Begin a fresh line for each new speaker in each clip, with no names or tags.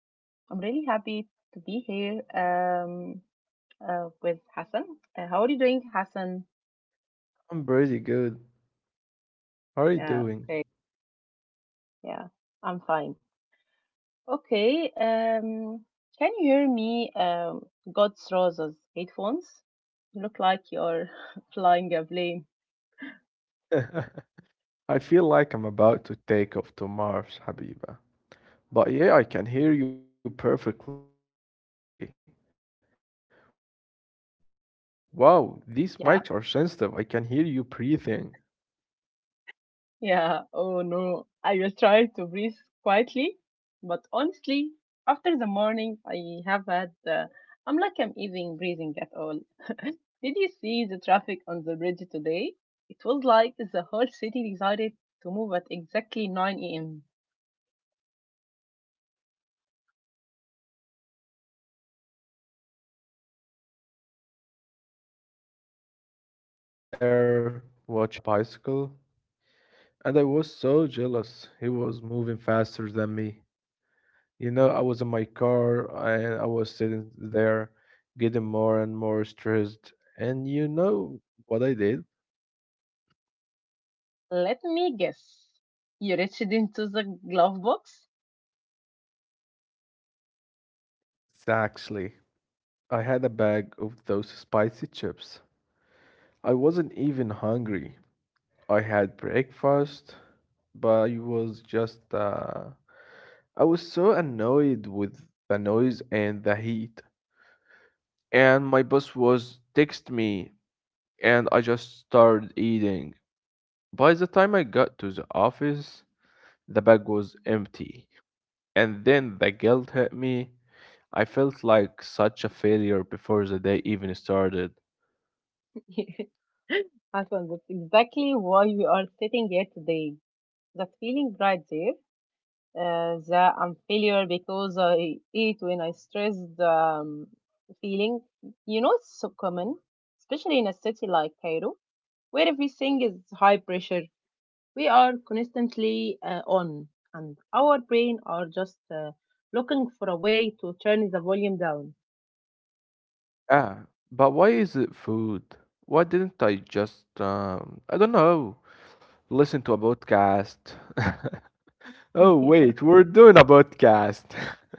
I'm really happy to be here with Hassan. How are you doing, Hassan?
I'm pretty good. How are you
Yeah,
doing?
okay, yeah, I'm fine. Okay, can you hear me? God's roses headphones. You look like you're flying a plane.
I feel like I'm about to take off to Mars, Habiba. But yeah, I can hear you perfectly. Wow, these mics are sensitive. I can hear you breathing.
Yeah. Yeah, oh no. I will try to breathe quietly, but honestly, after the morning I have had, I'm like I'm even breathing at all. Did you see the traffic on the bridge today? It was like the whole city decided to move at exactly 9 a.m.
Sorry about it. I was stuck near Ramses for 40 minutes. I just sat there watching a guy sell bread on a bicycle, and I was so jealous. He was moving faster than me. You know, I was in my car and I was sitting there getting more and more stressed. And you know what I did?
Let me guess. You reached into the glove box?
Exactly. I had a bag of those spicy chips. I wasn't even hungry. I had breakfast, but I was just, I was so annoyed with the noise and the heat. And my boss was text me and I just started eating. By the time I got to the office, the bag was empty. And then the guilt hit me. I felt like such a failure before the day even started.
Hassan, that's exactly why we are sitting here today. That feeling right there, the I'm failure because I eat when I stressed feeling. You know, it's so common, especially in a city like Cairo, where everything is high pressure. We are constantly on, and our brain are just looking for a way to turn the volume down.
Ah, but why is it food? Why didn't I just, I don't know, listen to a podcast? Oh, wait, we're doing a podcast.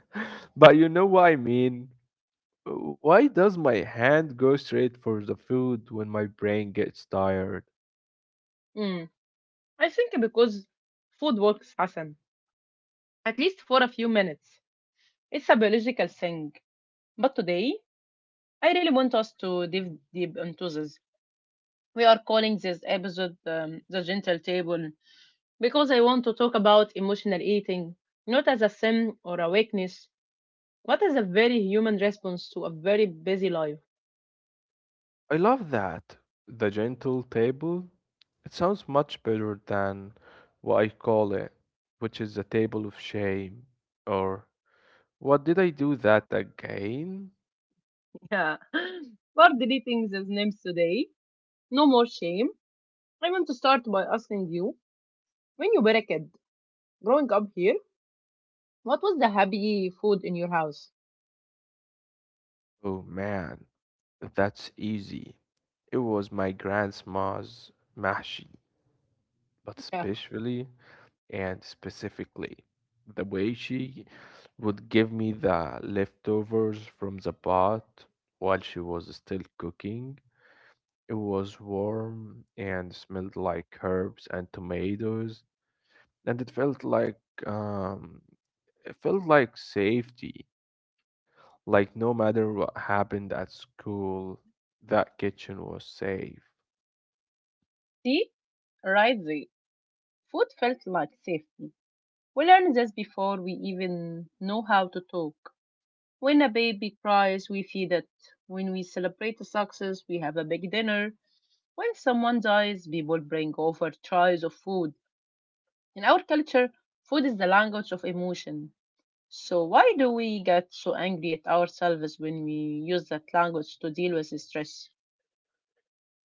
But you know what I mean? Why does my hand go straight for the food when my brain gets tired?
Mm. I think because food works, Hassan, at least for a few minutes. It's a biological thing. But today, I really want us to dive deep into this. We are calling this episode The Gentle Table because I want to talk about emotional eating, not as a sin or a weakness, but as a very human response to a very busy life.
I love that. The gentle table. It sounds much better than what I call it, which is a table of shame. Or, what did I do that again?
Yeah. We're deleting these names today. No more shame. I want to start by asking you, when you were a kid, growing up here, what was the happy food in your house?
Oh man, that's easy. It was my grandma's mashi, but
Yeah.
especially and specifically the way she would give me the leftovers from the pot while she was still cooking. It was warm and smelled like herbs and tomatoes, and um, it felt like safety. Like no matter what happened at school, that kitchen was safe.
See? Right there. Food felt like safety. We learned this before we even know how to talk. When a baby cries, we feed it. When we celebrate a success, we have a big dinner. When someone dies, people bring over trays of food. In our culture, food is the language of emotion. So, why do we get so angry at ourselves when we use that language to deal with stress?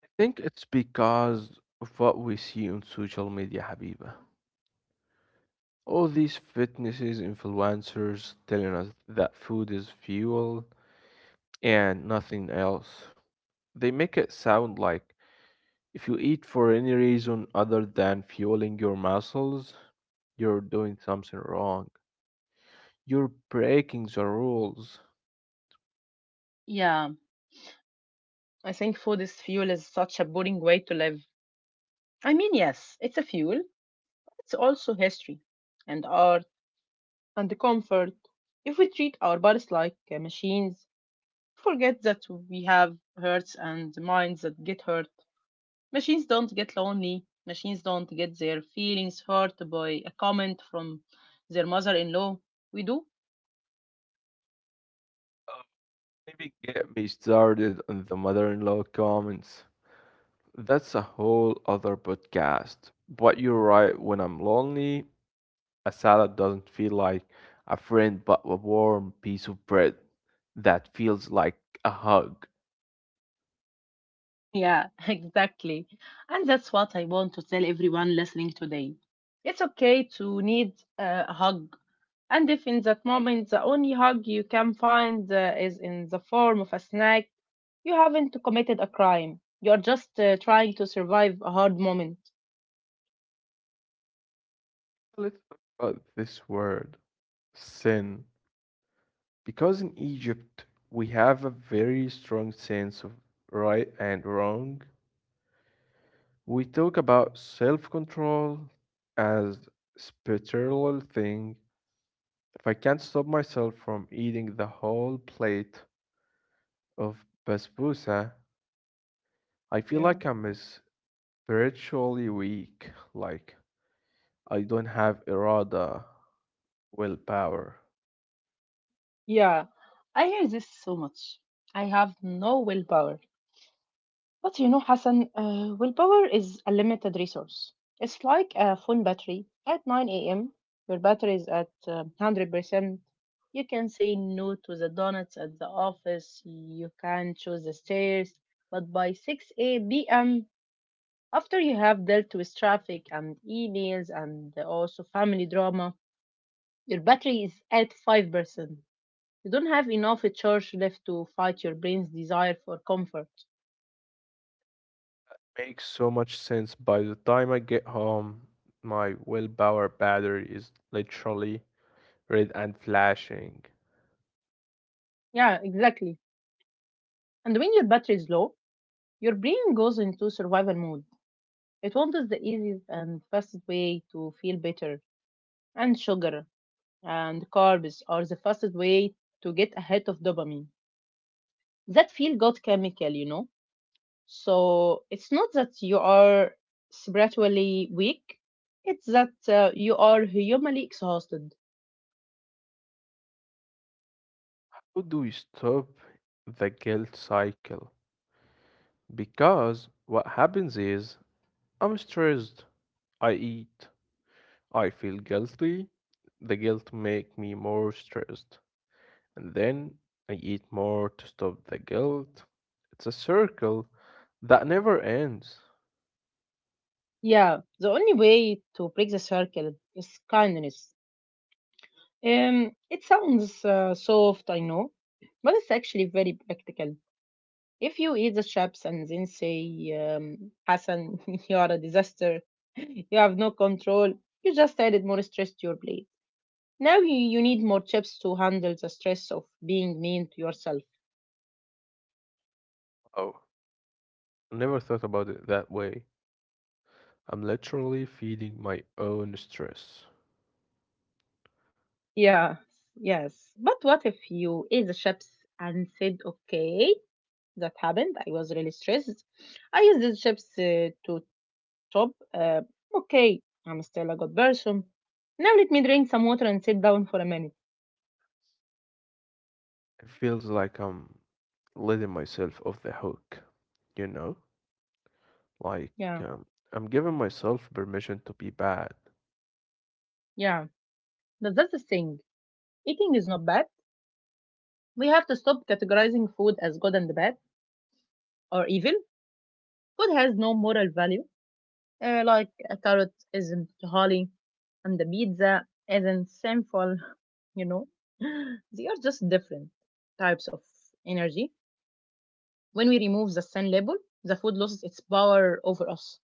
I think it's because of what we see on social media, Habiba. All these fitnesses influencers telling us that food is fuel and nothing else. They make it sound like if you eat for any reason other than fueling your muscles, you're doing something wrong. You're breaking the rules.
Yeah, I think food is fuel is such a boring way to live. I mean, yes, it's a fuel, but it's also history and art and comfort. If we treat our bodies like machines, forget that we have hearts and minds that get hurt. Machines don't get lonely. Machines don't get their feelings hurt by a comment from their mother in law. We do?
Uh, Maybe get me started on the mother in law comments. That's a whole other podcast. But you're right, when I'm lonely, a salad doesn't feel like a friend but a warm piece of bread that feels like a hug.
Yeah, exactly. And that's what I want to tell everyone listening today. It's okay to need a hug. And if in that moment the only hug you can find is in the form of a snack, you haven't committed a crime. You're just trying to survive a hard moment.
Let's talk about this word sin. Because in Egypt we have a very strong sense of right and wrong, we talk about self control as spiritual thing. If I can't stop myself from eating the whole plate of basbousa, I feel
Yeah.
like I'm spiritually weak, like I don't have irada, willpower.
Yeah, I hear this so much. I have no willpower. But you know, Hassan, willpower is a limited resource. It's like a phone battery. At 9 a.m., your battery is at 100%. You can say no to the donuts at the office, you can choose the stairs, but by 6 p.m., after you have dealt with traffic and emails and also family drama, your battery is at 5%. You don't have enough charge left to fight your brain's desire for comfort.
Makes so much sense. By the time I get home, my willpower battery is literally red and flashing.
Yeah, exactly. And when your battery is low, your brain goes into survival mode. It wants the easiest and fastest way to feel better. And sugar and carbs are the fastest way to get ahead of dopamine. That feel good chemical, you know? So it's not that you are spiritually weak, it's that you are humanly exhausted.
How do we stop the guilt cycle? Because what happens is I'm stressed, I eat, I feel guilty, the guilt make me more stressed, and then I eat more to stop the guilt. It's a circle that never ends.
Yeah, the only way to break the circle is kindness. It sounds soft, I know, but it's actually very practical. If you eat the chips and then say, Hassan, you are a disaster, you have no control, you just added more stress to your plate. Now you need more chips to handle the stress of being mean to yourself.
Oh, never thought about it that way. I'm literally feeding my own stress.
Yeah, yes. But what if you eat the chips and said, okay, that happened. I was really stressed. I used the chips to top. Okay, I'm still a good person. Now let me drink some water and sit down for a minute.
It feels like I'm letting myself off the hook, you know? Like,
Yeah,
um, I'm giving myself permission to be bad.
yeah. But that's the thing. Eating is not bad. We have to stop categorizing food as good and bad or evil. Food has no moral value. Like a carrot isn't holy and the pizza isn't sinful, you know. They are just different types of energy. When we remove the sun label, the food loses its power over us.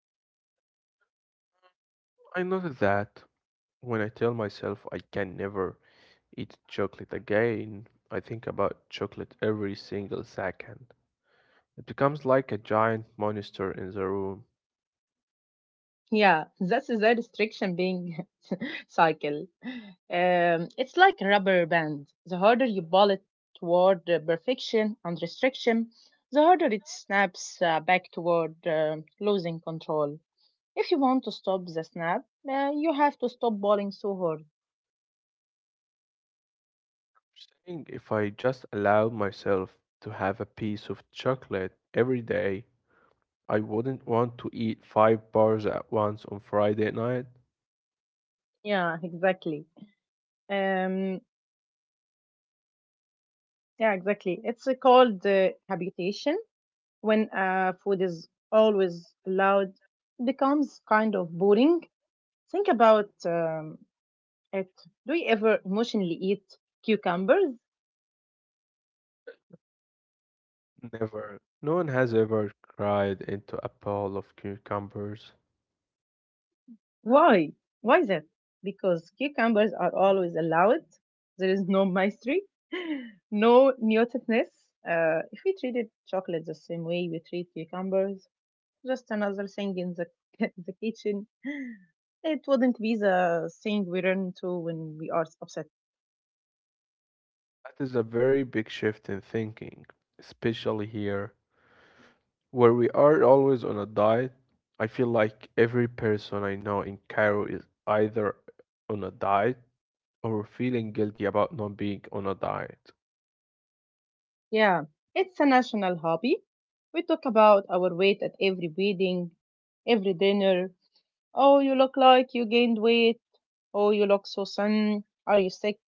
I notice that when I tell myself I can never eat chocolate again, I think about chocolate every single second. It becomes like a giant monster in the room.
Yeah, that's the restriction being cycle. It's like a rubber band. The harder you ball it toward the perfection and restriction, the harder it snaps back toward losing control. If you want to stop the snap, you have to stop balling so hard.
Saying if I just allowed myself to have a piece of chocolate every day, I wouldn't want to eat five bars at once on Friday night.
Yeah, exactly. Um, yeah, exactly. It's called habitation. When food is always loud, it becomes kind of boring. Think about it. Do you ever emotionally eat cucumbers?
Never. No one has ever cried into a bowl of cucumbers.
Why? Why is that? Because cucumbers are always allowed. There is no mystery, no neoticness. If we treated chocolate the same way we treat cucumbers, just another thing in the the kitchen, it wouldn't be the thing we run to when we are upset.
That is a very big shift in thinking, especially here, where we are always on a diet. I feel like every person I know in Cairo is either on a diet or feeling guilty about not being on a diet.
Yeah, it's a national hobby. We talk about our weight at every wedding, every dinner. Oh, you look like you gained weight. Oh, you look so thin. Are you sick?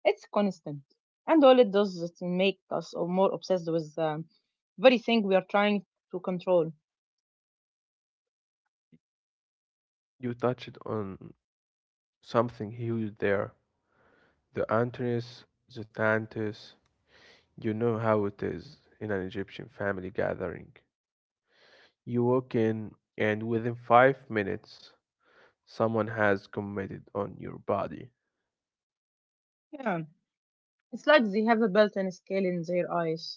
It's constant. And all it does is make us more obsessed with the very thing we are trying to control.
You touched on something huge there. The Antonis, the Tantus, you know how it is in an Egyptian family gathering. You walk in, and within 5 minutes, someone has committed on your body.
Yeah, it's like they have a built in scale in their eyes.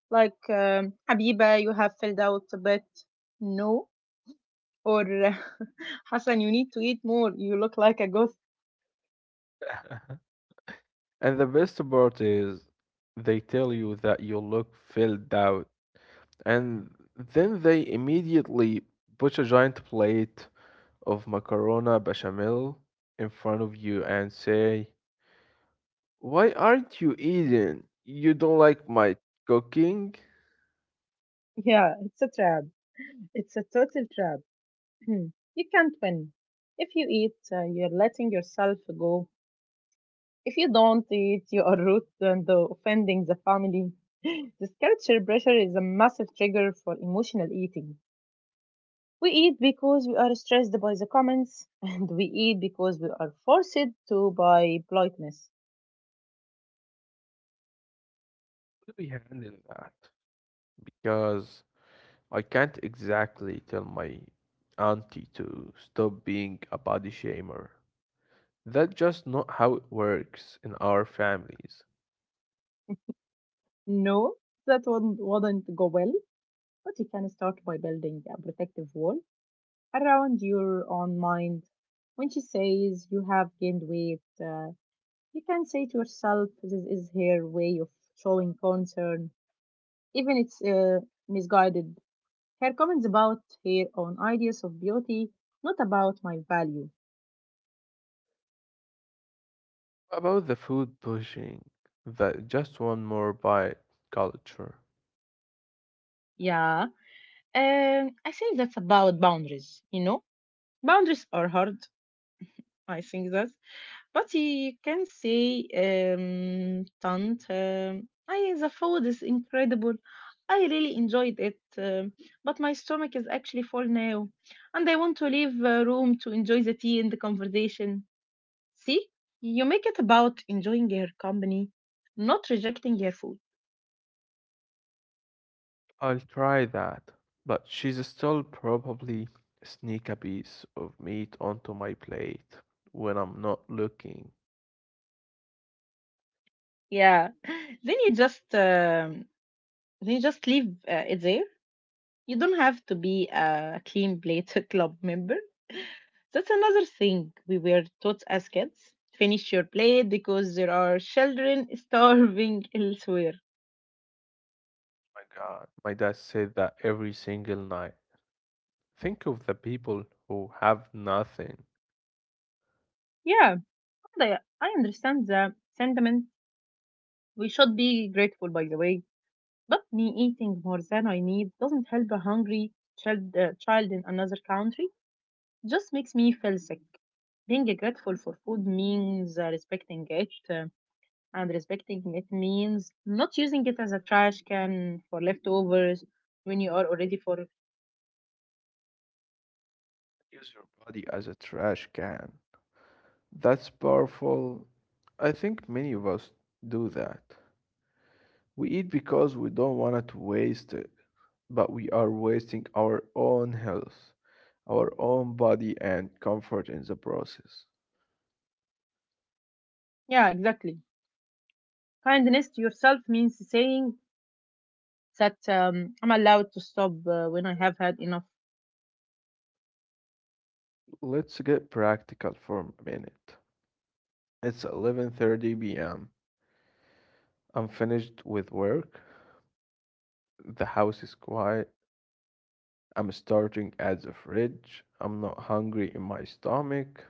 Like, Habiba, you have filled out a bit. No. Or, Hassan, you need to eat more. You look like a goat.
And the best part is, they tell you that you look filled out, and then they immediately put a giant plate of macarona bechamel in front of you and say, why aren't you eating? You don't like my cooking?
Yeah, it's a trap. It's a total trap. You can't win. If you eat, you're letting yourself go. If you don't eat, you are rude and offending the family. This culture pressure is a massive trigger for emotional eating. We eat because we are stressed by the comments, and we eat because we are forced to by politeness.
How do we handle that? Because I can't exactly tell my auntie to stop being a body shamer. That's just not how it works in our families.
No, that wouldn't go well, but you can start by building a protective wall around your own mind. When she says you have gained weight, you can say to yourself, this is her way of showing concern, even it's misguided. Her comments about her own ideas of beauty, not about my value.
About the food pushing? The just one more bite culture.
Yeah, I think that's about boundaries, you know? Boundaries are hard. I think that. But you can say, Tante, I, the food is incredible. I really enjoyed it, but my stomach is actually full now, and I want to leave room to enjoy the tea and the conversation. See, you make it about enjoying your company, not rejecting your food.
I'll try that, but she's still probably sneak a piece of meat onto my plate when I'm not looking.
Yeah, then you just um, then you just leave it there. You don't have to be a clean plate club member. That's another thing we were taught as kids. Finish your plate because there are children starving elsewhere.
My God, my dad said that every single night. Think of the people who have nothing.
Yeah, I understand the sentiment. We should be grateful, by the way. But me eating more than I need doesn't help a hungry child in another country. Just makes me feel sick. Being grateful for food means respecting it, and respecting it means not using it as a trash can for leftovers when you are already for.
Use your body as a trash can. That's powerful. I think many of us do that. We eat because we don't want to waste it, but we are wasting our own health, our own body, and comfort in the process.
Yeah, exactly. Kindness to yourself means saying that I'm allowed to stop when I have had enough.
Let's get practical for a minute. It's 11:30 p.m. I'm finished with work. The house is quiet. I'm starting at the fridge. I'm not hungry in my stomach,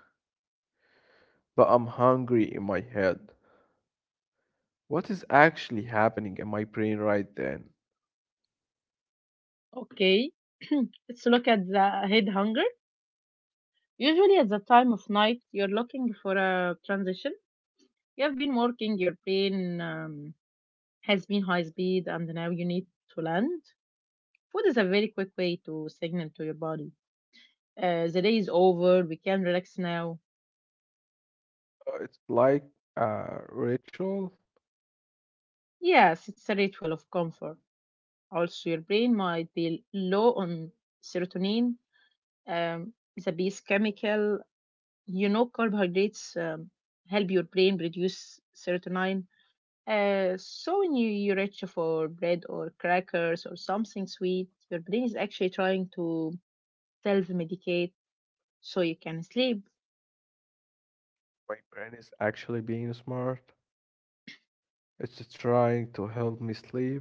but I'm hungry in my head. What is actually happening in my brain right then?
Okay, let's look at the head hunger. Usually, at the time of night, you're looking for a transition. You have been working, your brain has been high speed, and now you need to land. Food is a very quick way to signal to your body the day is over, we can relax now.
It's like a ritual.
Yes, it's a ritual of comfort. Also, your brain might be low on serotonin, um, the base chemical. You know, carbohydrates help your brain produce serotonin. So when you reach for bread or crackers or something sweet, your brain is actually trying to self-medicate so you can sleep.
My brain is actually being smart. It's trying to help me sleep.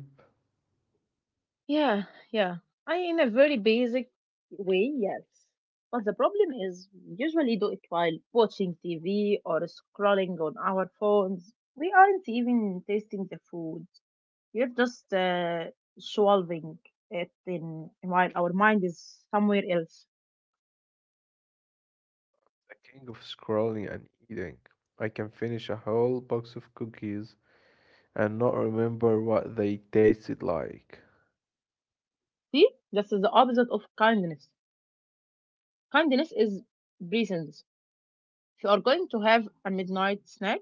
Yeah, yeah. I in a very basic way, yes. But the problem is we usually do it while watching TV or scrolling on our phones. We aren't even tasting the food. You're just swallowing it in while our mind is somewhere else.
The king of scrolling and eating. I can finish a whole box of cookies and not remember what they tasted like.
See, this is the opposite of kindness. Kindness is presence. If you are going to have a midnight snack,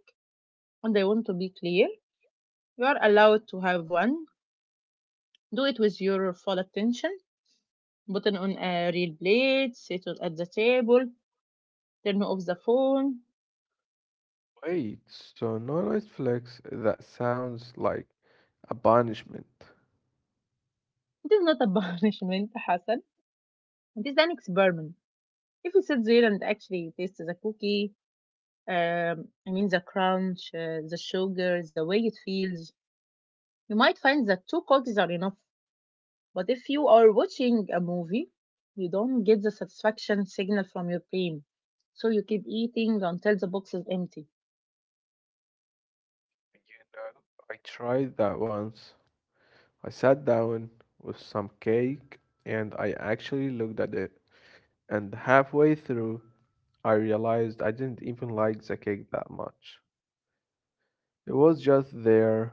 and I want to be clear, you are allowed to have one. Do it with your full attention. Put it on a real plate. Sit it at the table. Turn off the phone.
Wait, so no Netflix? That sounds like a punishment.
It is not a punishment, Hassan. It is an experiment. If you sit there and actually taste the cookie, the crunch, the sugar, the way it feels. You might find that two cookies are enough. But if you are watching a movie, you don't get the satisfaction signal from your brain. So you keep eating until the box is empty.
You know, I tried that once. I sat down with some cake and I actually looked at it. And halfway through, I realized I didn't even like the cake that much. It was just there.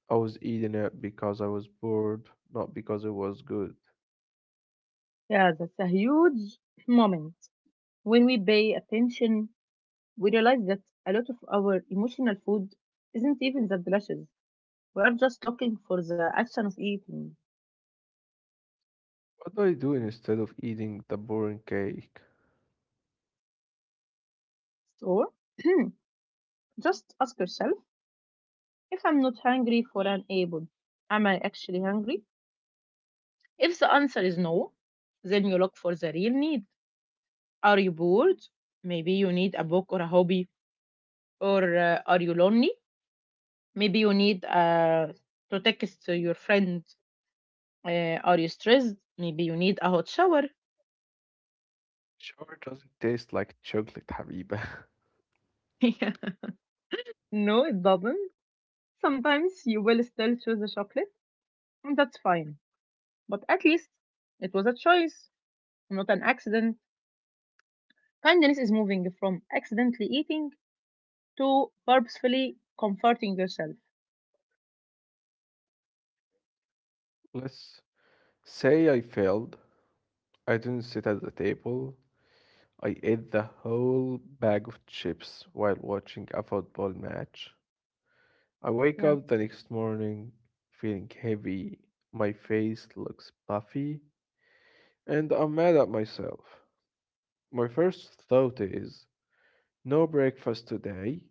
I was eating it because I was bored, not because it was good.
Yeah, that's a huge moment. When we pay attention, we realize that a lot of our emotional food isn't even that delicious. We are just looking for the action of eating.
What do I do instead of eating the boring cake?
So just ask yourself, if I'm not hungry for an apple, am I actually hungry? If the answer is no, then you look for the real need. Are you bored? Maybe you need a book or a hobby. Or are you lonely? Maybe you need to text to your friend. Are you stressed? Maybe you need a hot shower.
Sure doesn't taste like chocolate, Habiba.
Yeah. No, it doesn't. Sometimes you will still choose a chocolate, and that's fine. But at least it was a choice, not an accident. Kindness is moving from accidentally eating to purposefully comforting yourself.
Let's say I failed. I didn't sit at the table. I ate the whole bag of chips while watching a football match. I wake
Yeah.
up the next morning feeling heavy, my face looks puffy, and I'm mad at myself. My first thought is no breakfast today.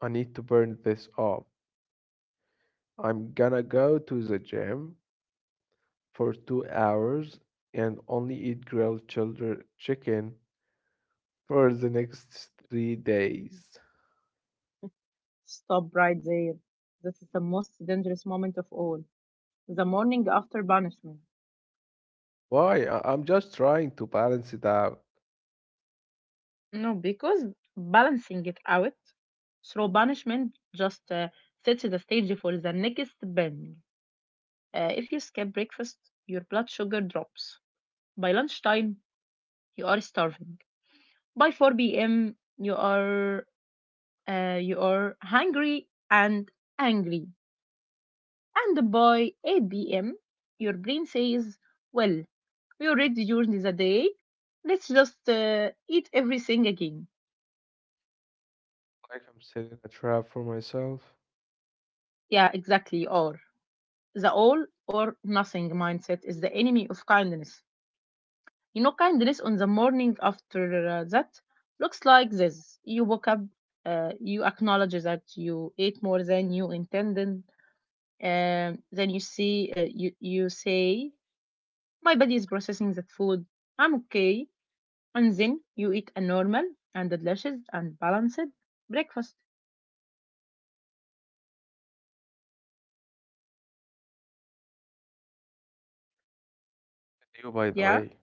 I need to burn this off. I'm gonna go to the gym for 2 hours and only eat grilled childer chicken for the next 3 days.
Stop right there. This is the most dangerous moment of all. The morning after punishment.
Why? I'm just trying to balance it out.
No, because balancing it out through punishment just sets the stage for the next bend. If you skip breakfast, your blood sugar drops. By lunchtime, you are starving. By 4 p.m., you are hungry and angry. And by 8 p.m., your brain says, Well, we already during the day. Let's just eat everything again.
Like I'm setting a trap for myself.
Yeah, exactly. Or the all or nothing mindset is the enemy of kindness. You know, kindness on the morning after that looks like this. You woke up, you acknowledge that you ate more than you intended. Then you see, you say, my body is processing that food. I'm okay. And then you eat a normal and delicious and balanced breakfast.
And you, by the
Yeah,
way,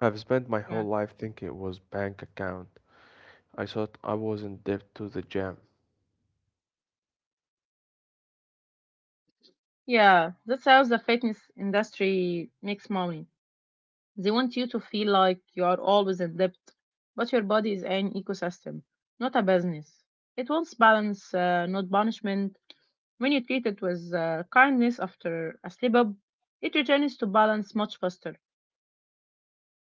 I've spent my
yeah,
whole life thinking it was bank account. I thought I was in debt to the gym.
yeah. That's how the fitness industry makes money. They want you to feel like you are always in debt, but your body is an ecosystem, not a business. It wants balance, not punishment. When you treat it with kindness after a slip up, it returns to balance much faster.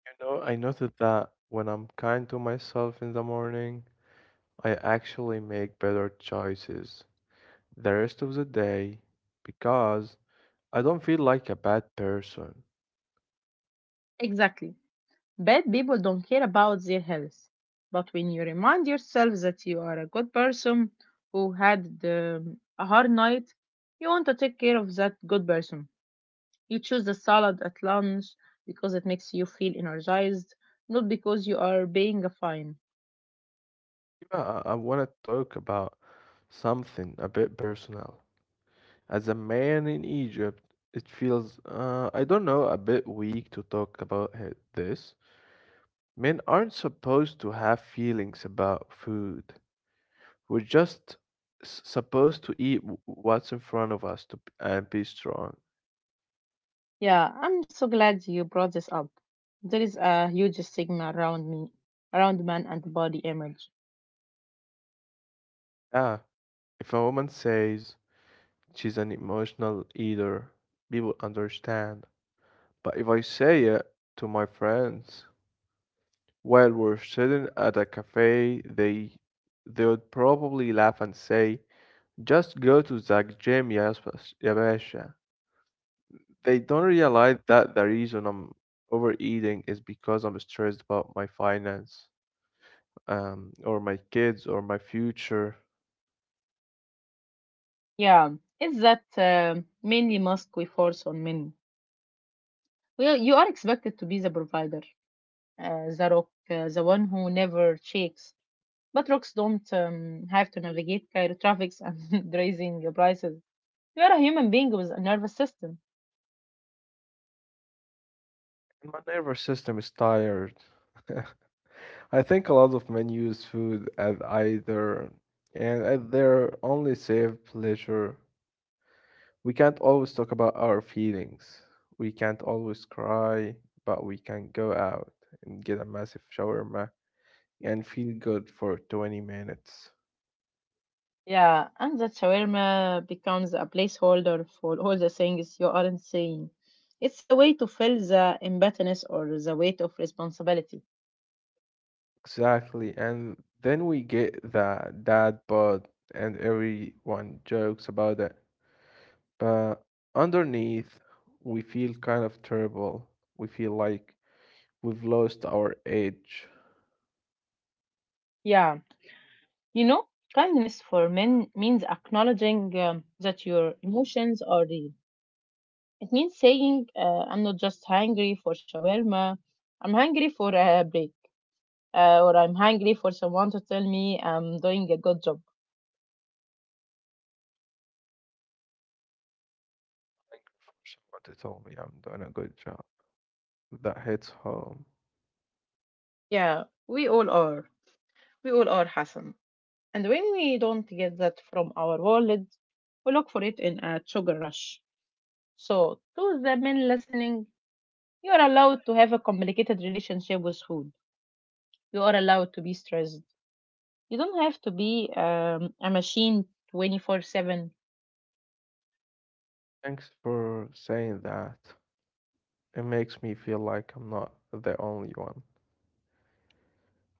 You know, I noted that when I'm kind to myself in the morning, I actually make better choices the rest of the day because I don't feel like a bad person.
Exactly. Bad people don't care about their health. But when you remind yourself that you are a good person who had a hard night, you want to take care of that good person. You choose the salad at lunch because it makes you feel energized, not because you are paying a fine.
I want to talk about something a bit personal. As a man in Egypt, it feels, I don't know, a bit weak to talk about this. Men aren't supposed to have feelings about food. We're just supposed to eat what's in front of us to and be strong.
Yeah, I'm so glad you brought this up. There is a huge stigma around me, around men and body image.
Yeah, if a woman says she's an emotional eater, people understand. But if I say it to my friends while we're sitting at a cafe, they would probably laugh and say, just go to the gym, yes, ya basha. They don't realize that the reason I'm overeating is because I'm stressed about my finance, or my kids, or my future.
Yeah, it's that mainly mask we force on men. Well, you are expected to be the provider, the rock, the one who never shakes. But rocks don't have to navigate Cairo traffics and raising prices. You are a human being with a nervous system.
My nervous system is tired. I think a lot of men use food as either and as their only safe pleasure. We can't always talk about our feelings. We can't always cry, but we can go out and get a massive shower and feel good for 20 minutes.
Yeah, and that shawarma becomes a placeholder for all the things you aren't saying. It's a way to fill the imbatteness or the weight of responsibility.
Exactly. And then we get the dad bod, and everyone jokes about it. But underneath, we feel kind of terrible. We feel like we've lost our edge.
Yeah, you know, kindness for men means acknowledging that your emotions are real. It means saying, I'm not just hungry for shawarma, I'm hungry for a break, or I'm hungry for someone to tell me I'm doing a good job.
For someone to tell me I'm doing a good job, that hits home.
Yeah, we all are. We all are, Hassan. And when we don't get that from our wallet, we look for it in a sugar rush. So, to the men listening, you are allowed to have a complicated relationship with food. You are allowed to be stressed. You don't have to be a machine 24/7.
Thanks for saying that. It makes me feel like I'm not the only one.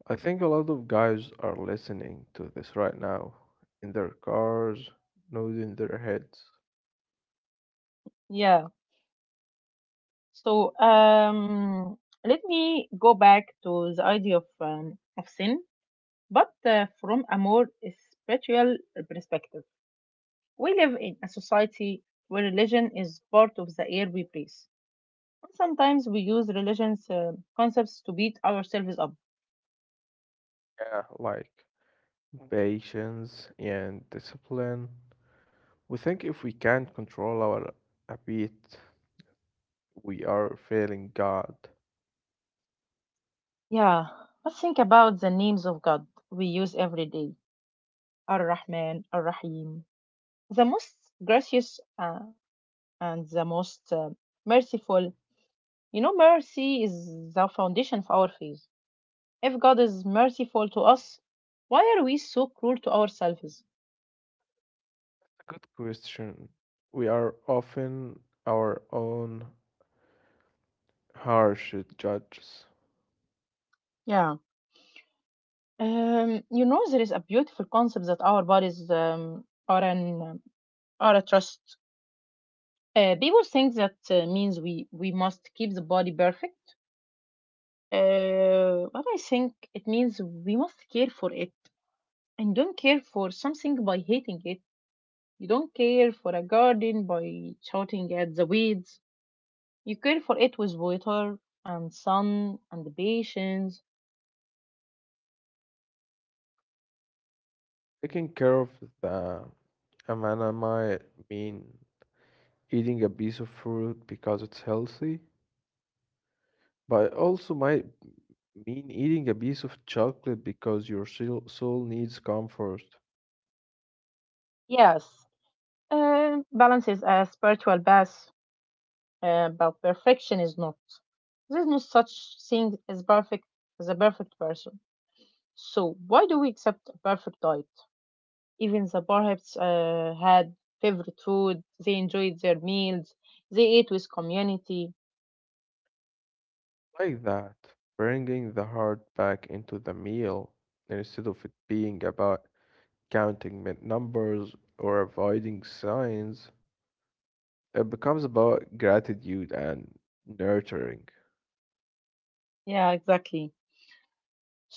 I think a lot of guys are listening to this right now in their cars, nodding their heads.
Yeah. So let me go back to the idea of sin, but from a more spiritual perspective. We live in a society where religion is part of the air we breathe. And sometimes we use religion's concepts to beat ourselves up.
Yeah, like patience and discipline. We think if we can't control our appetite, we are failing God.
Yeah, but think about the names of God we use every day: Ar-Rahman, Ar-Rahim, the most gracious and the most merciful. You know, mercy is the foundation of our faith. If God is merciful to us, why are we so cruel to ourselves?
A good question. We are often our own harsh judges.
Yeah. You know, there is a beautiful concept that our bodies are a trust. People think that means we must keep the body perfect, but I think it means we must care for it and don't care for something by hating it. You don't care for a garden by shouting at the weeds. You care for it with water and sun and patience.
Taking care of the amanamai mean eating a piece of fruit because it's healthy. But also might mean eating a piece of chocolate because your soul needs comfort.
Yes, balance is a spiritual bath, but perfection is not. There's no such thing as a perfect person. So why do we accept a perfect diet? Even the perhaps had favorite food. They enjoyed their meals. They ate with community.
Like that, bringing the heart back into the meal instead of it being about counting numbers or avoiding signs, it becomes about gratitude and nurturing.
Yeah, exactly.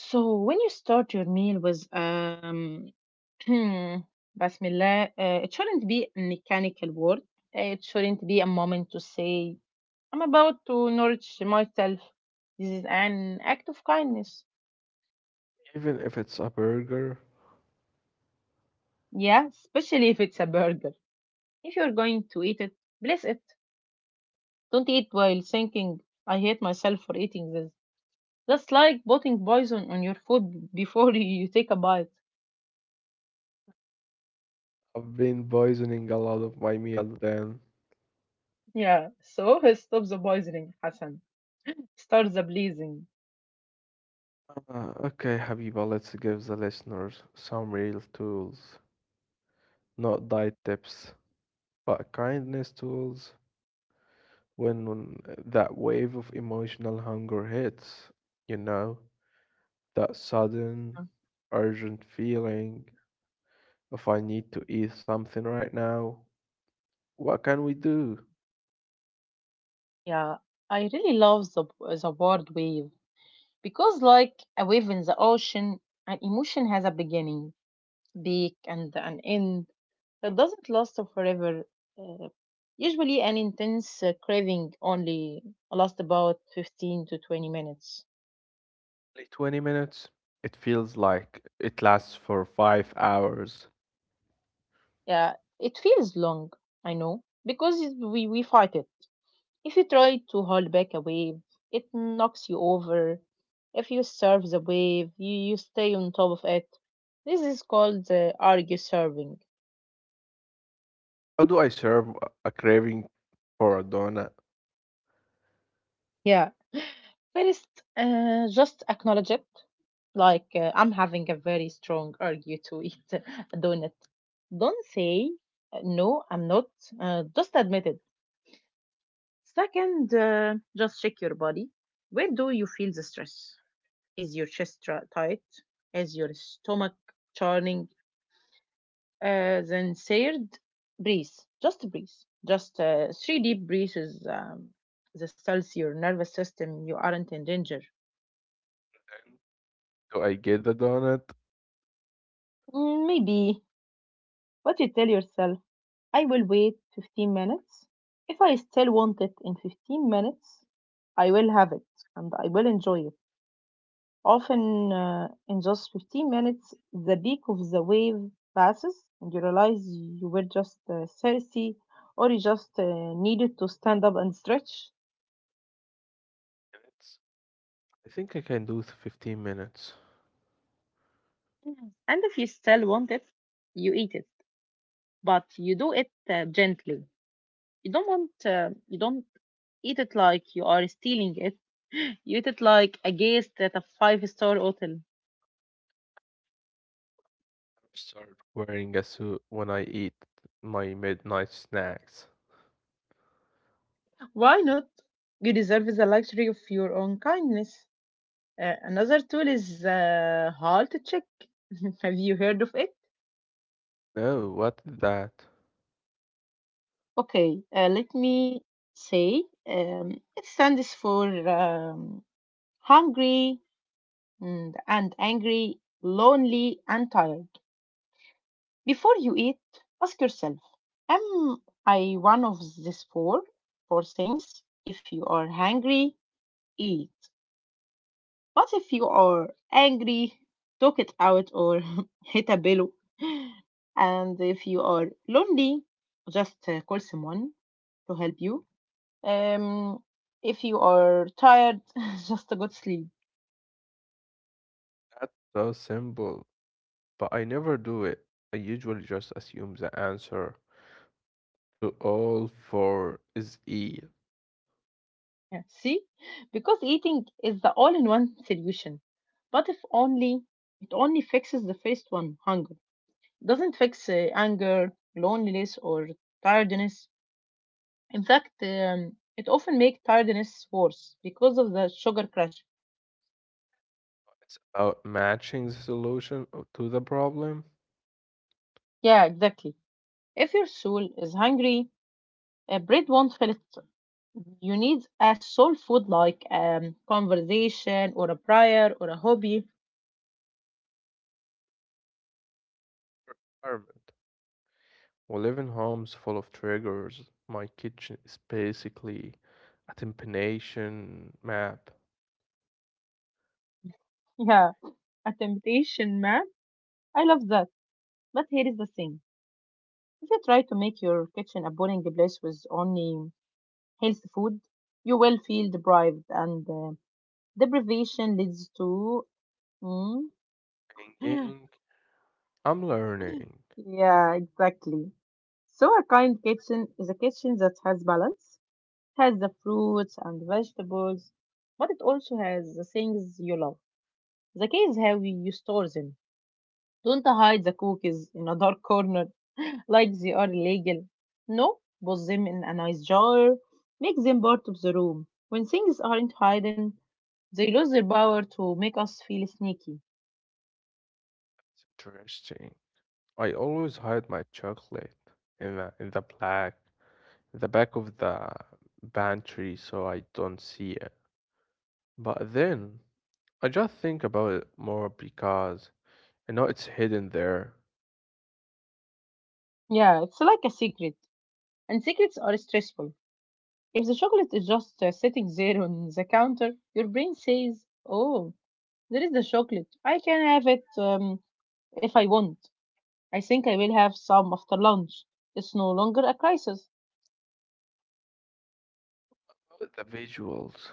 So when you start your meal with Hmm, Bismillah. It shouldn't be a mechanical word. It shouldn't be a moment to say, I'm about to nourish myself. This is an act of kindness.
Even if it's a burger,
Yeah, especially if it's a burger. If you're going to eat it, bless it. Don't eat while thinking, I hate myself for eating this. That's like putting poison on your food before you take a bite.
I've been poisoning a lot of my meal then.
Yeah, so stop the poisoning, Hassan. Start the blessing.
Okay, Habiba, let's give the listeners some real tools, not diet tips. But kindness tools when that wave of emotional hunger hits, you know, that sudden, urgent feeling of I need to eat something right now. What can we do?
Yeah, I really love the word wave. Because, like a wave in the ocean, an emotion has a beginning, peak, and an end. It doesn't last forever. Uh, usually, an intense craving only lasts about 15 to 20 minutes.
Only 20 minutes? It feels like it lasts for 5 hours.
Yeah, it feels long, I know, because we fight it. If you try to hold back a wave, it knocks you over. If you surf the wave, you stay on top of it. This is called argue surfing.
How do I serve a craving for a donut?
Yeah. First, just acknowledge it. Like, I'm having a very strong urge to eat a donut. Don't say, no, I'm not. Just admit it. Second, just check your body. Where do you feel the stress? Is your tight? Is your stomach churning? Then third, breathe. Just breathe. Just three deep breaths. Um, this tells your nervous system you aren't in danger.
Do I get the donut?
Mm, maybe, but you tell yourself, I will wait 15 minutes. If I still want it in 15 minutes, I will have it and I will enjoy it. Often, in just 15 minutes, the peak of the wave passes and you realize you were just thirsty or you just needed to stand up and stretch.
Minutes? I think I can do 15 minutes.
Mm. And if you still want it, you eat it, but you do it gently. You don't eat it like you are stealing it. You eat it like a guest at a five-star hotel.
Start wearing a suit when I eat my midnight snacks.
Why not? You deserve the luxury of your own kindness. Another tool is halt check. Have you heard of it?
No, what is that?
Okay, let me say it stands for hungry and angry, lonely and tired. Before you eat, ask yourself, am I one of four things? If you are hungry, eat. But if you are angry, talk it out or hit a pillow. And if you are lonely, just call someone to help you. Um, if you are tired, just a good sleep.
That's so simple, but I never do it. I usually just assume the answer to all four is E.
Yeah, see, because eating is the all-in-one solution. But if only it only fixes the first one, hunger. It doesn't fix anger, loneliness, or tiredness. In fact, it often makes tiredness worse because of the sugar crash.
It's about matching the solution to the problem.
Yeah, exactly. If your soul is hungry, bread won't fill it. You need a soul food like conversation or a prayer or a hobby.
Environment. We live in homes full of triggers. My kitchen is basically a temptation map.
Yeah, a temptation, man. I love that. But here is the thing, if you try to make your kitchen a boring place with only healthy food, you will feel deprived, and deprivation leads to. Mm,
Thinking, I'm learning.
yeah, exactly. So, a kind kitchen is a kitchen that has balance, has the fruits and vegetables, but it also has the things you love. The key is how you store them. Don't hide the cookies in a dark corner like they are illegal. No, put them in a nice jar, make them part of the room. When things aren't hidden, they lose their power to make us feel sneaky.
It's interesting. I always hide my chocolate in the black the back of the pantry so I don't see it. But then I just think about it more because I know it's hidden there.
Yeah, it's like a secret, and secrets are stressful. If the chocolate is just sitting there on the counter, your brain says, Oh, there is the chocolate. I can have it if I want. I think I will have some after lunch. It's no longer a crisis.
But the visuals.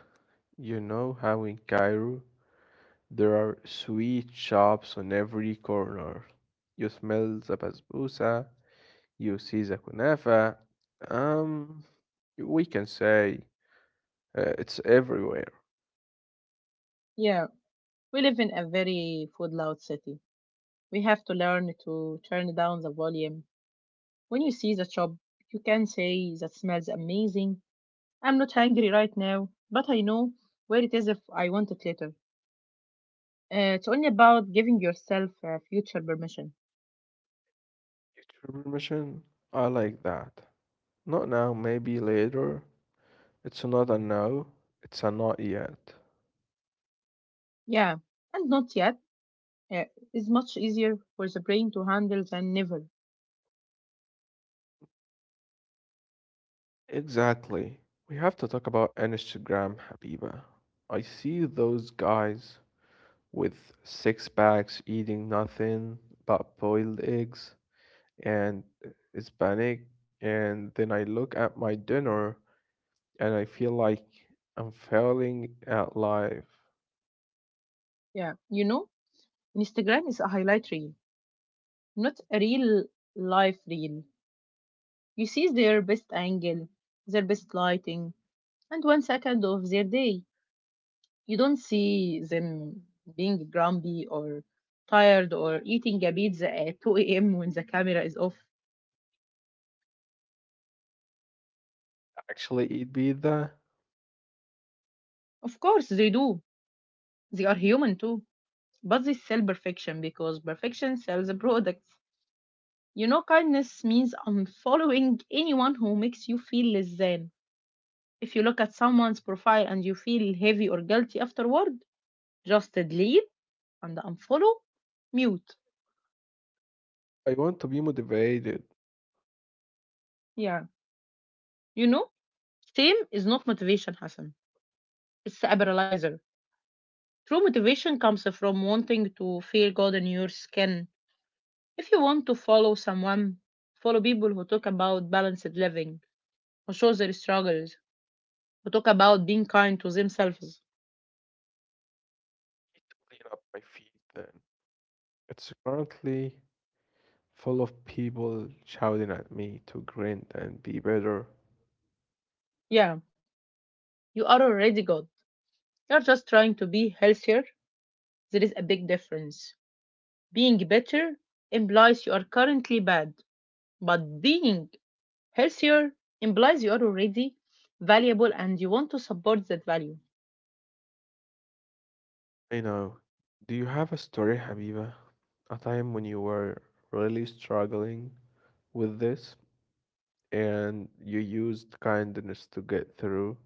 You know how in Cairo there are sweet shops on every corner. You smell the basbousa, you see the kunafa. Um, we can say it's everywhere.
Yeah, we live in a very food loud city. We have to learn to turn down the volume. When you see the shop, you can say, "That smells amazing. I'm not hungry right now, but I know where it is if I want it later." It's only about giving yourself future permission.
YouTube permission? I like that. Not now, maybe later. It's not a no, it's a not yet.
Yeah, and not yet uh, is much easier for the brain to handle than never.
Exactly. We have to talk about Instagram, Habiba. I see those guys with six packs eating nothing but boiled eggs and Hispanic, and then I look at my dinner and I feel like I'm failing at life.
Yeah, you know, Instagram is a highlight reel, not a real life reel. You see their best angle, their best lighting, and 1 second of their day. You don't see them being grumpy or tired or eating a pizza at 2 a.m. when the camera is off.
Actually, eat pizza?
Of course, they do. They are human too. But they sell perfection because perfection sells a product. You know, kindness means unfollowing anyone who makes you feel less than. If you look at someone's profile and you feel heavy or guilty afterward, just delete and unfollow, mute.
I want to be motivated.
Yeah. You know, shame is not motivation, Hassan. It's a paralyzer. True motivation comes from wanting to feel good in your skin. If you want to follow someone, follow people who talk about balanced living, who show their struggles, who talk about being kind to themselves.
Need to clean up my feed then. It's currently full of people shouting at me to grind and be better.
Yeah, you are already good. You're just trying to be healthier. There is a big difference. Being better implies you are currently bad, but being healthier implies you are already valuable and you want to support that value.
I know. Do you have a story, Habiba? A time when you were really struggling with this, and you used kindness to get through?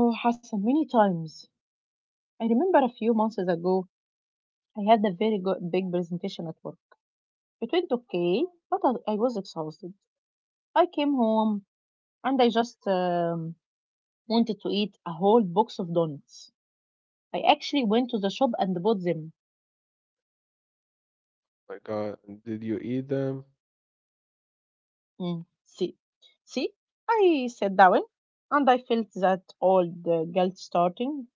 Oh, Hassan, many times I remember a few months ago, I had a very good, big presentation at work. It went okay, but I was exhausted. I came home and I just wanted to eat a whole box of donuts. I actually went to the shop and bought them.
My God, did you eat them?
Mm, see, I sat down and I felt that old guilt starting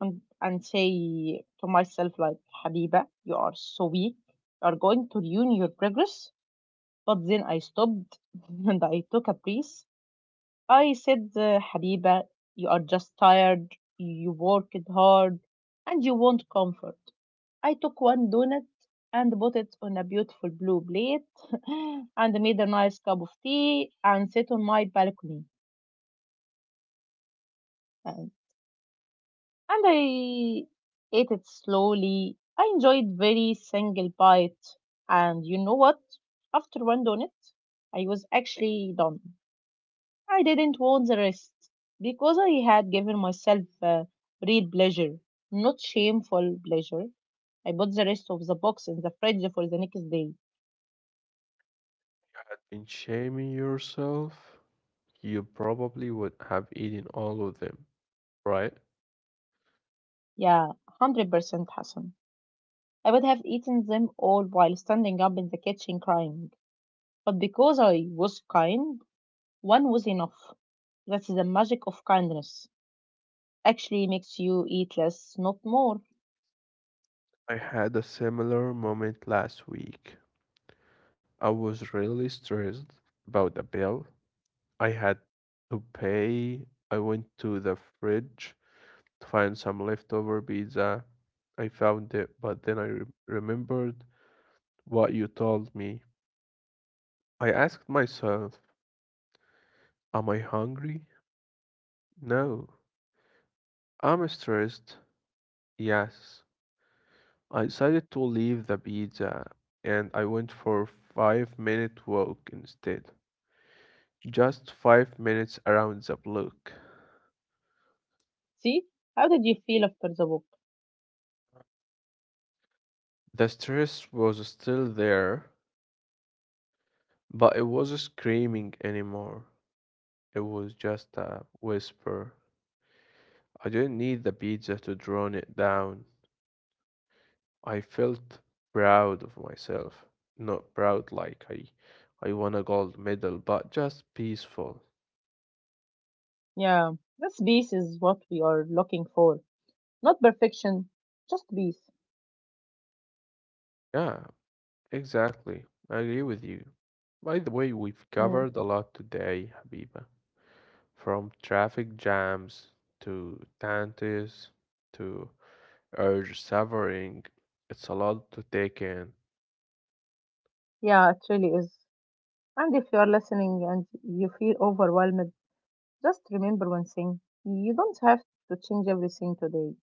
and say to myself like, "Habiba, you are so weak. You are going to ruin your progress." But then I stopped and I took a breath. I said, "Habiba, you are just tired, you worked hard, and you want comfort." I took one donut and put it on a beautiful blue plate and made a nice cup of tea and sat on my balcony. And, and I ate it slowly. I enjoyed very single bite. And you know what? After one donut, I was actually done. I didn't want the rest because I had given myself real pleasure, not shameful pleasure. I put the rest of the box in the fridge for the next day.
In shaming yourself, you probably would have eaten all of them, right?
Yeah, 100% Hassan. I would have eaten them all while standing up in the kitchen crying. But because I was kind, one was enough. That's the magic of kindness. Actually makes you eat less, not more.
I had a similar moment last week. I was really stressed about a bill I had to pay. I went to the fridge to find some leftover pizza. I found it, but then I remembered what you told me. I asked myself, am I hungry? No. Am I stressed? Yes. I decided to leave the pizza and I went for a 5 minute walk instead. Just 5 minutes around the block.
See? How did you feel after the book?
The stress was still there, but it wasn't screaming anymore. It was just a whisper. I didn't need the pizza to drown it down. I felt proud of myself. Not proud like I won a gold medal, but just peaceful.
Yeah, this piece is what we are looking for. Not perfection, just peace.
Yeah, exactly. I agree with you. By the way, we've
Yeah.
covered a lot today, Habiba. From traffic jams to tantis to urge suffering. It's a lot to take in.
Yeah, it really is. And if you are listening and you feel overwhelmed, just remember one thing: you don't have to change everything today.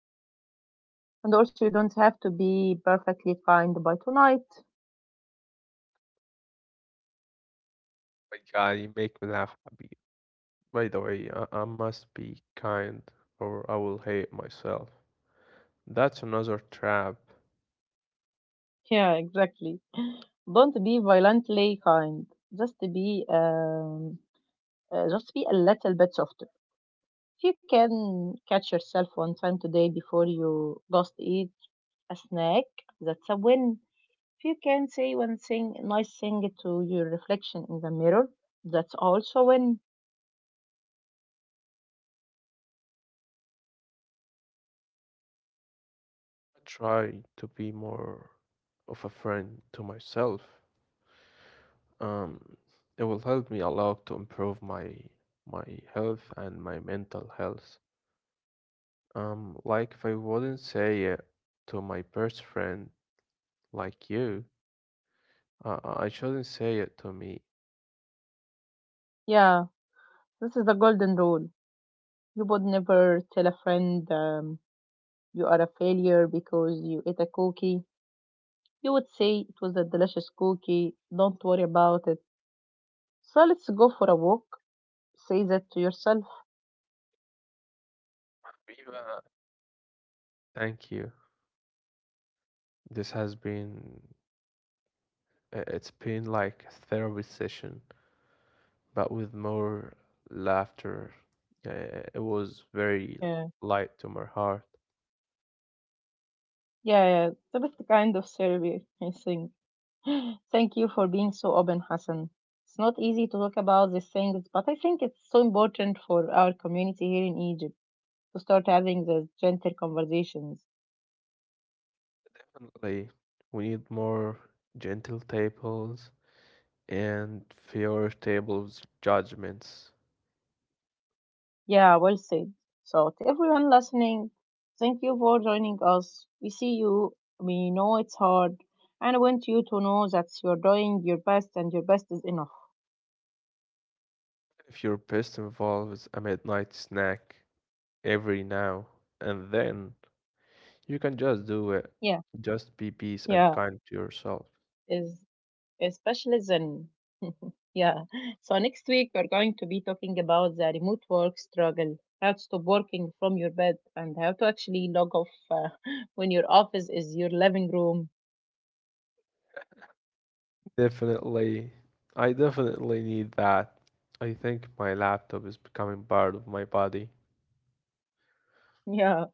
And also, you don't have to be perfectly kind by tonight.
My God, you make me laugh, Habiba. By the way, I must be kind or I will hate myself. That's another trap.
Yeah, exactly. Don't be violently kind. Just be, um, just be a little bit softer. If you can catch yourself one time today before you just eat a snack, that's a win. If you can say one thing, nice thing to your reflection in the mirror, that's also win.
I try to be more of a friend to myself. Um, it will help me a lot to improve my health and my mental health. Like if I wouldn't say it to my best friend like you, I shouldn't say it to me.
Yeah, this is the golden rule. You would never tell a friend you are a failure because you ate a cookie. You would say it was a delicious cookie. Don't worry about it. So let's go for a walk. Say that to yourself.
Viva! Thank you. This has been it's been like a therapy session, but with more laughter. Yeah, it was very
Yeah,
light to my heart.
yeah, yeah. It's the best kind of therapy, I think. Thank you for being so open, Hassan. It's not easy to talk about these things, but I think it's so important for our community here in Egypt to start having these gentle conversations.
Definitely, we need more gentle tables and fewer tables judgments.
Yeah, well said. So, to everyone listening, thank you for joining us. We see you, we know it's hard, and I want you to know that you're doing your best and your best is enough.
If your best involves a midnight snack every now and then, you can just do it.
Yeah,
Just be peace and
yeah,
kind to yourself.
is specialism. Yeah. So next week we're going to be talking about the remote work struggle, how to stop working from your bed, and how to actually log off when your office is your living room.
Definitely, I definitely need that. I think my laptop is becoming part of my body.
Yeah.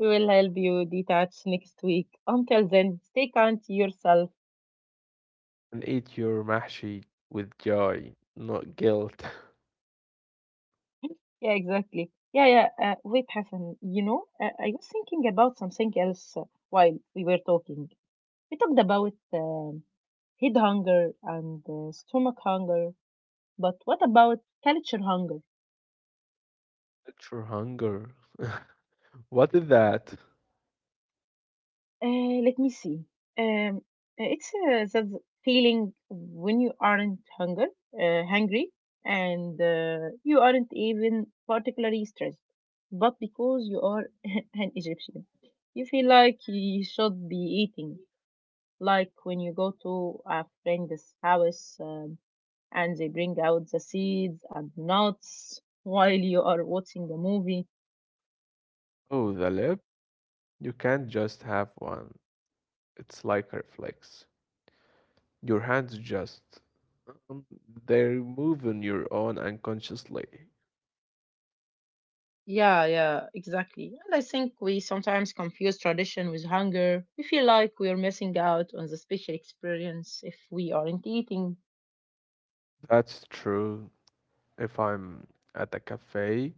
We will help you detach next week. Until then, stay kind to yourself.
And eat your mahshi with joy, not guilt.
Yeah, exactly. Yeah, yeah. Wait, Hassan. I was thinking about something else while we were talking. We talked about head hunger and stomach hunger, but what about culture hunger?
Let your hunger. What is that?
Let me see. Um, it's that feeling when you aren't hungry, and you aren't even particularly stressed, but because you are an Egyptian, you feel like you should be eating. Like when you go to a friend's house and they bring out the seeds and nuts while you are watching a movie.
Oh, the lip? You can't just have one. It's like a reflex. Your hands just. um, They're moving your own unconsciously.
Yeah, yeah, exactly. And I think we sometimes confuse tradition with hunger. We feel like we're missing out on the special experience if we aren't eating.
That's true. If I'm at a cafe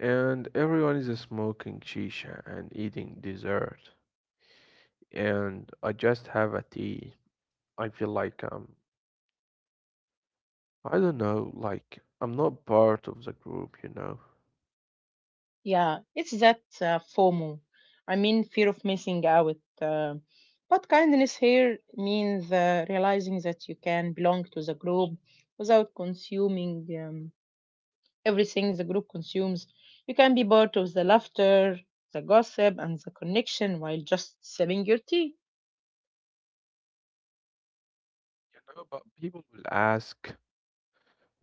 and everyone is smoking shisha and eating dessert, and I just have a tea, I feel like I don't know, like I'm not part of the group, you know.
Yeah, it's that FOMO. I mean, fear of missing out. But kindness here means realizing that you can belong to the group without consuming everything the group consumes. You can be part of the laughter, the gossip, and the connection while just sipping your tea.
You know, but people will ask,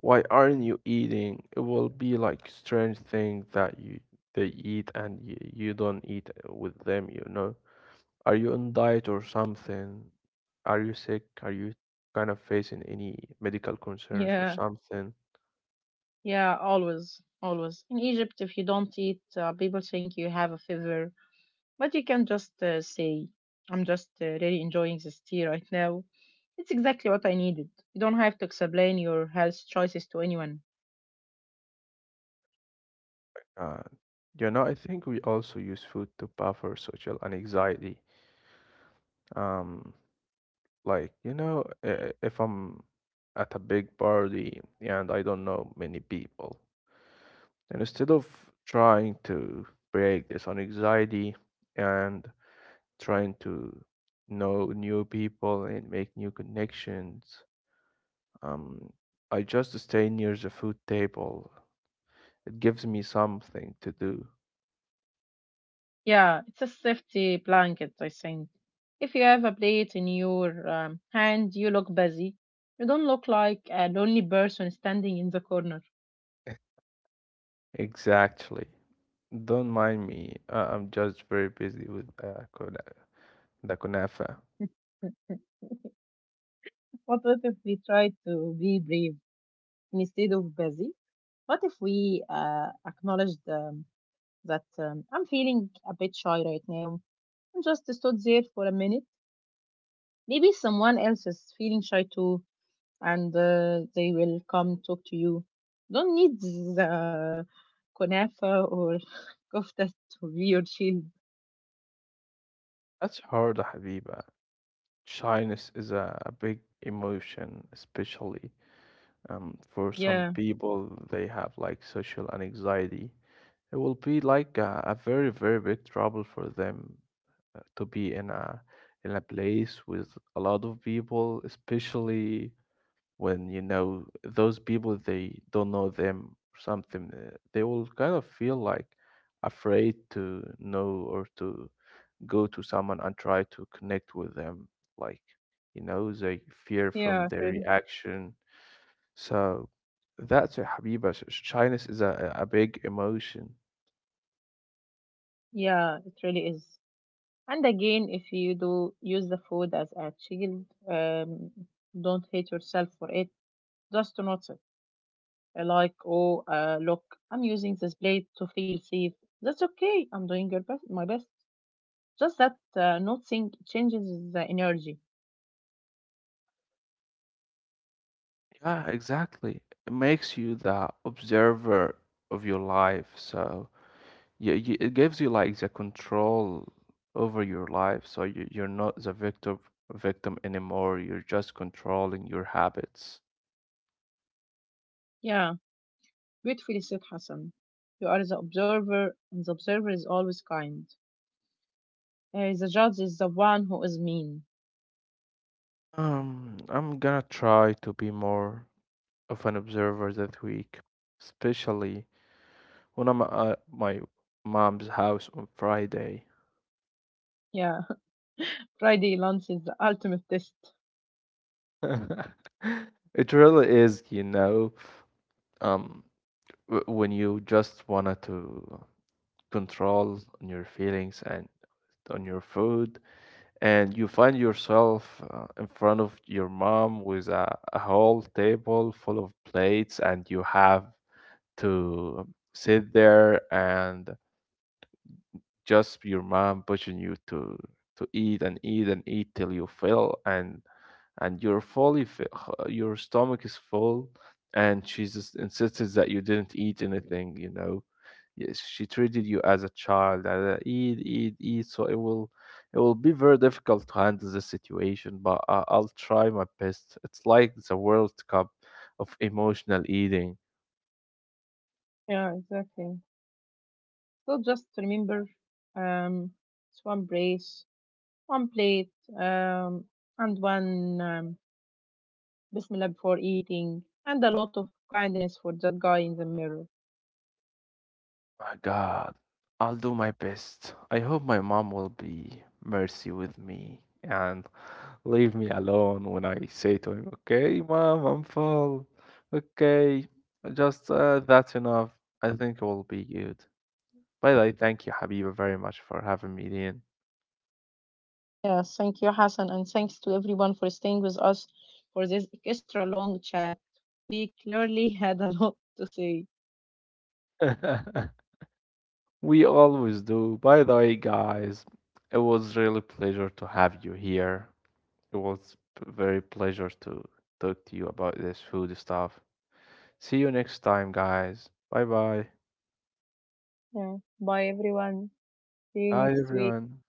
why aren't you eating? It will be like strange thing that you they eat and you don't eat with them, you know? Are you on diet or something? Are you sick? Are you kind of facing any medical concerns or
Yeah.
something?
Yeah, always, always. In Egypt, if you don't eat, people think you have a fever, but you can just say, "I'm just really enjoying this tea right now. It's exactly what I needed." You don't have to explain your health choices to anyone.
Uh, you know, I think we also use food to buffer social and anxiety. Um, like, you know, if I'm at a big party and I don't know many people. And instead of trying to break this on anxiety and trying to know new people and make new connections, um, I just stay near the food table. It gives me something to do.
Yeah, it's a safety blanket, I think. If you have a plate in your hand, you look busy. You don't look like a lonely person standing in the corner.
Exactly. Don't mind me. I'm just very busy with the kunafa.
What if we try to be brave instead of busy? What if we acknowledged that I'm feeling a bit shy right now and just stood there for a minute? Maybe someone else is feeling shy too, and they will come talk to you. Don't need the kunafa or kofta to be your shield.
That's hard, Habiba. Shyness is a big emotion, especially. For some
Yeah,
people, they have like social anxiety. It will be like a very, very big trouble for them to be in a place with a lot of people, especially when you know those people they don't know them or something. They will kind of feel like afraid to know or to go to someone and try to connect with them. Like, you know, they fear from
yeah, it
their
really,
reaction so that's a Habiba. Shyness is a big emotion.
yeah, it really is. And again, if you do use the food as a shield, don't hate yourself for it. Just notice it. Like, oh, look, I'm using this blade to feel safe. That's okay. I'm doing your best, my best. Just that noticing changes the energy.
Yeah, exactly. It makes you the observer of your life. So yeah, it gives you like the control over your life. So you're not the victim anymore. You're just controlling your habits.
Yeah, beautifully said, Hassan. You are the observer, and the observer is always kind. The judge is the one who is mean.
I'm gonna try to be more of an observer that week, especially when I'm at my mom's house on Friday.
Yeah, Friday lunch is the ultimate test.
It really is, you know, um, when you just wanted to control on your feelings and on your food, and you find yourself in front of your mom with a whole table full of plates, and you have to sit there and just your mom pushing you to eat and eat and eat till you fill, and you're your stomach is full and she just insisted that you didn't eat anything you know. Yes, she treated you as a child and eat eat eat so it will be very difficult to handle the situation but I'll try my best. It's like the World Cup of emotional eating.
Yeah, exactly. So just remember, um, it's one brace, one plate, um, and one Bismillah before eating, and a lot of kindness for that guy in the mirror.
My God, I'll do my best. I hope my mom will be mercy with me and leave me alone when I say to him, "Okay, mom, I'm full. Okay, just that's enough. I think it will be good." By the way, thank you, Habiba, very much for having me in.
Yeah, thank you, Hassan, and thanks to everyone for staying with us for this extra long chat. We clearly had a lot to say.
We always do. By the way, guys, it was really pleasure to have you here. It was very pleasure to talk to you about this food stuff. See you next time, guys. Bye bye.
Yeah, bye everyone. See you
Bye,
next week.
everyone.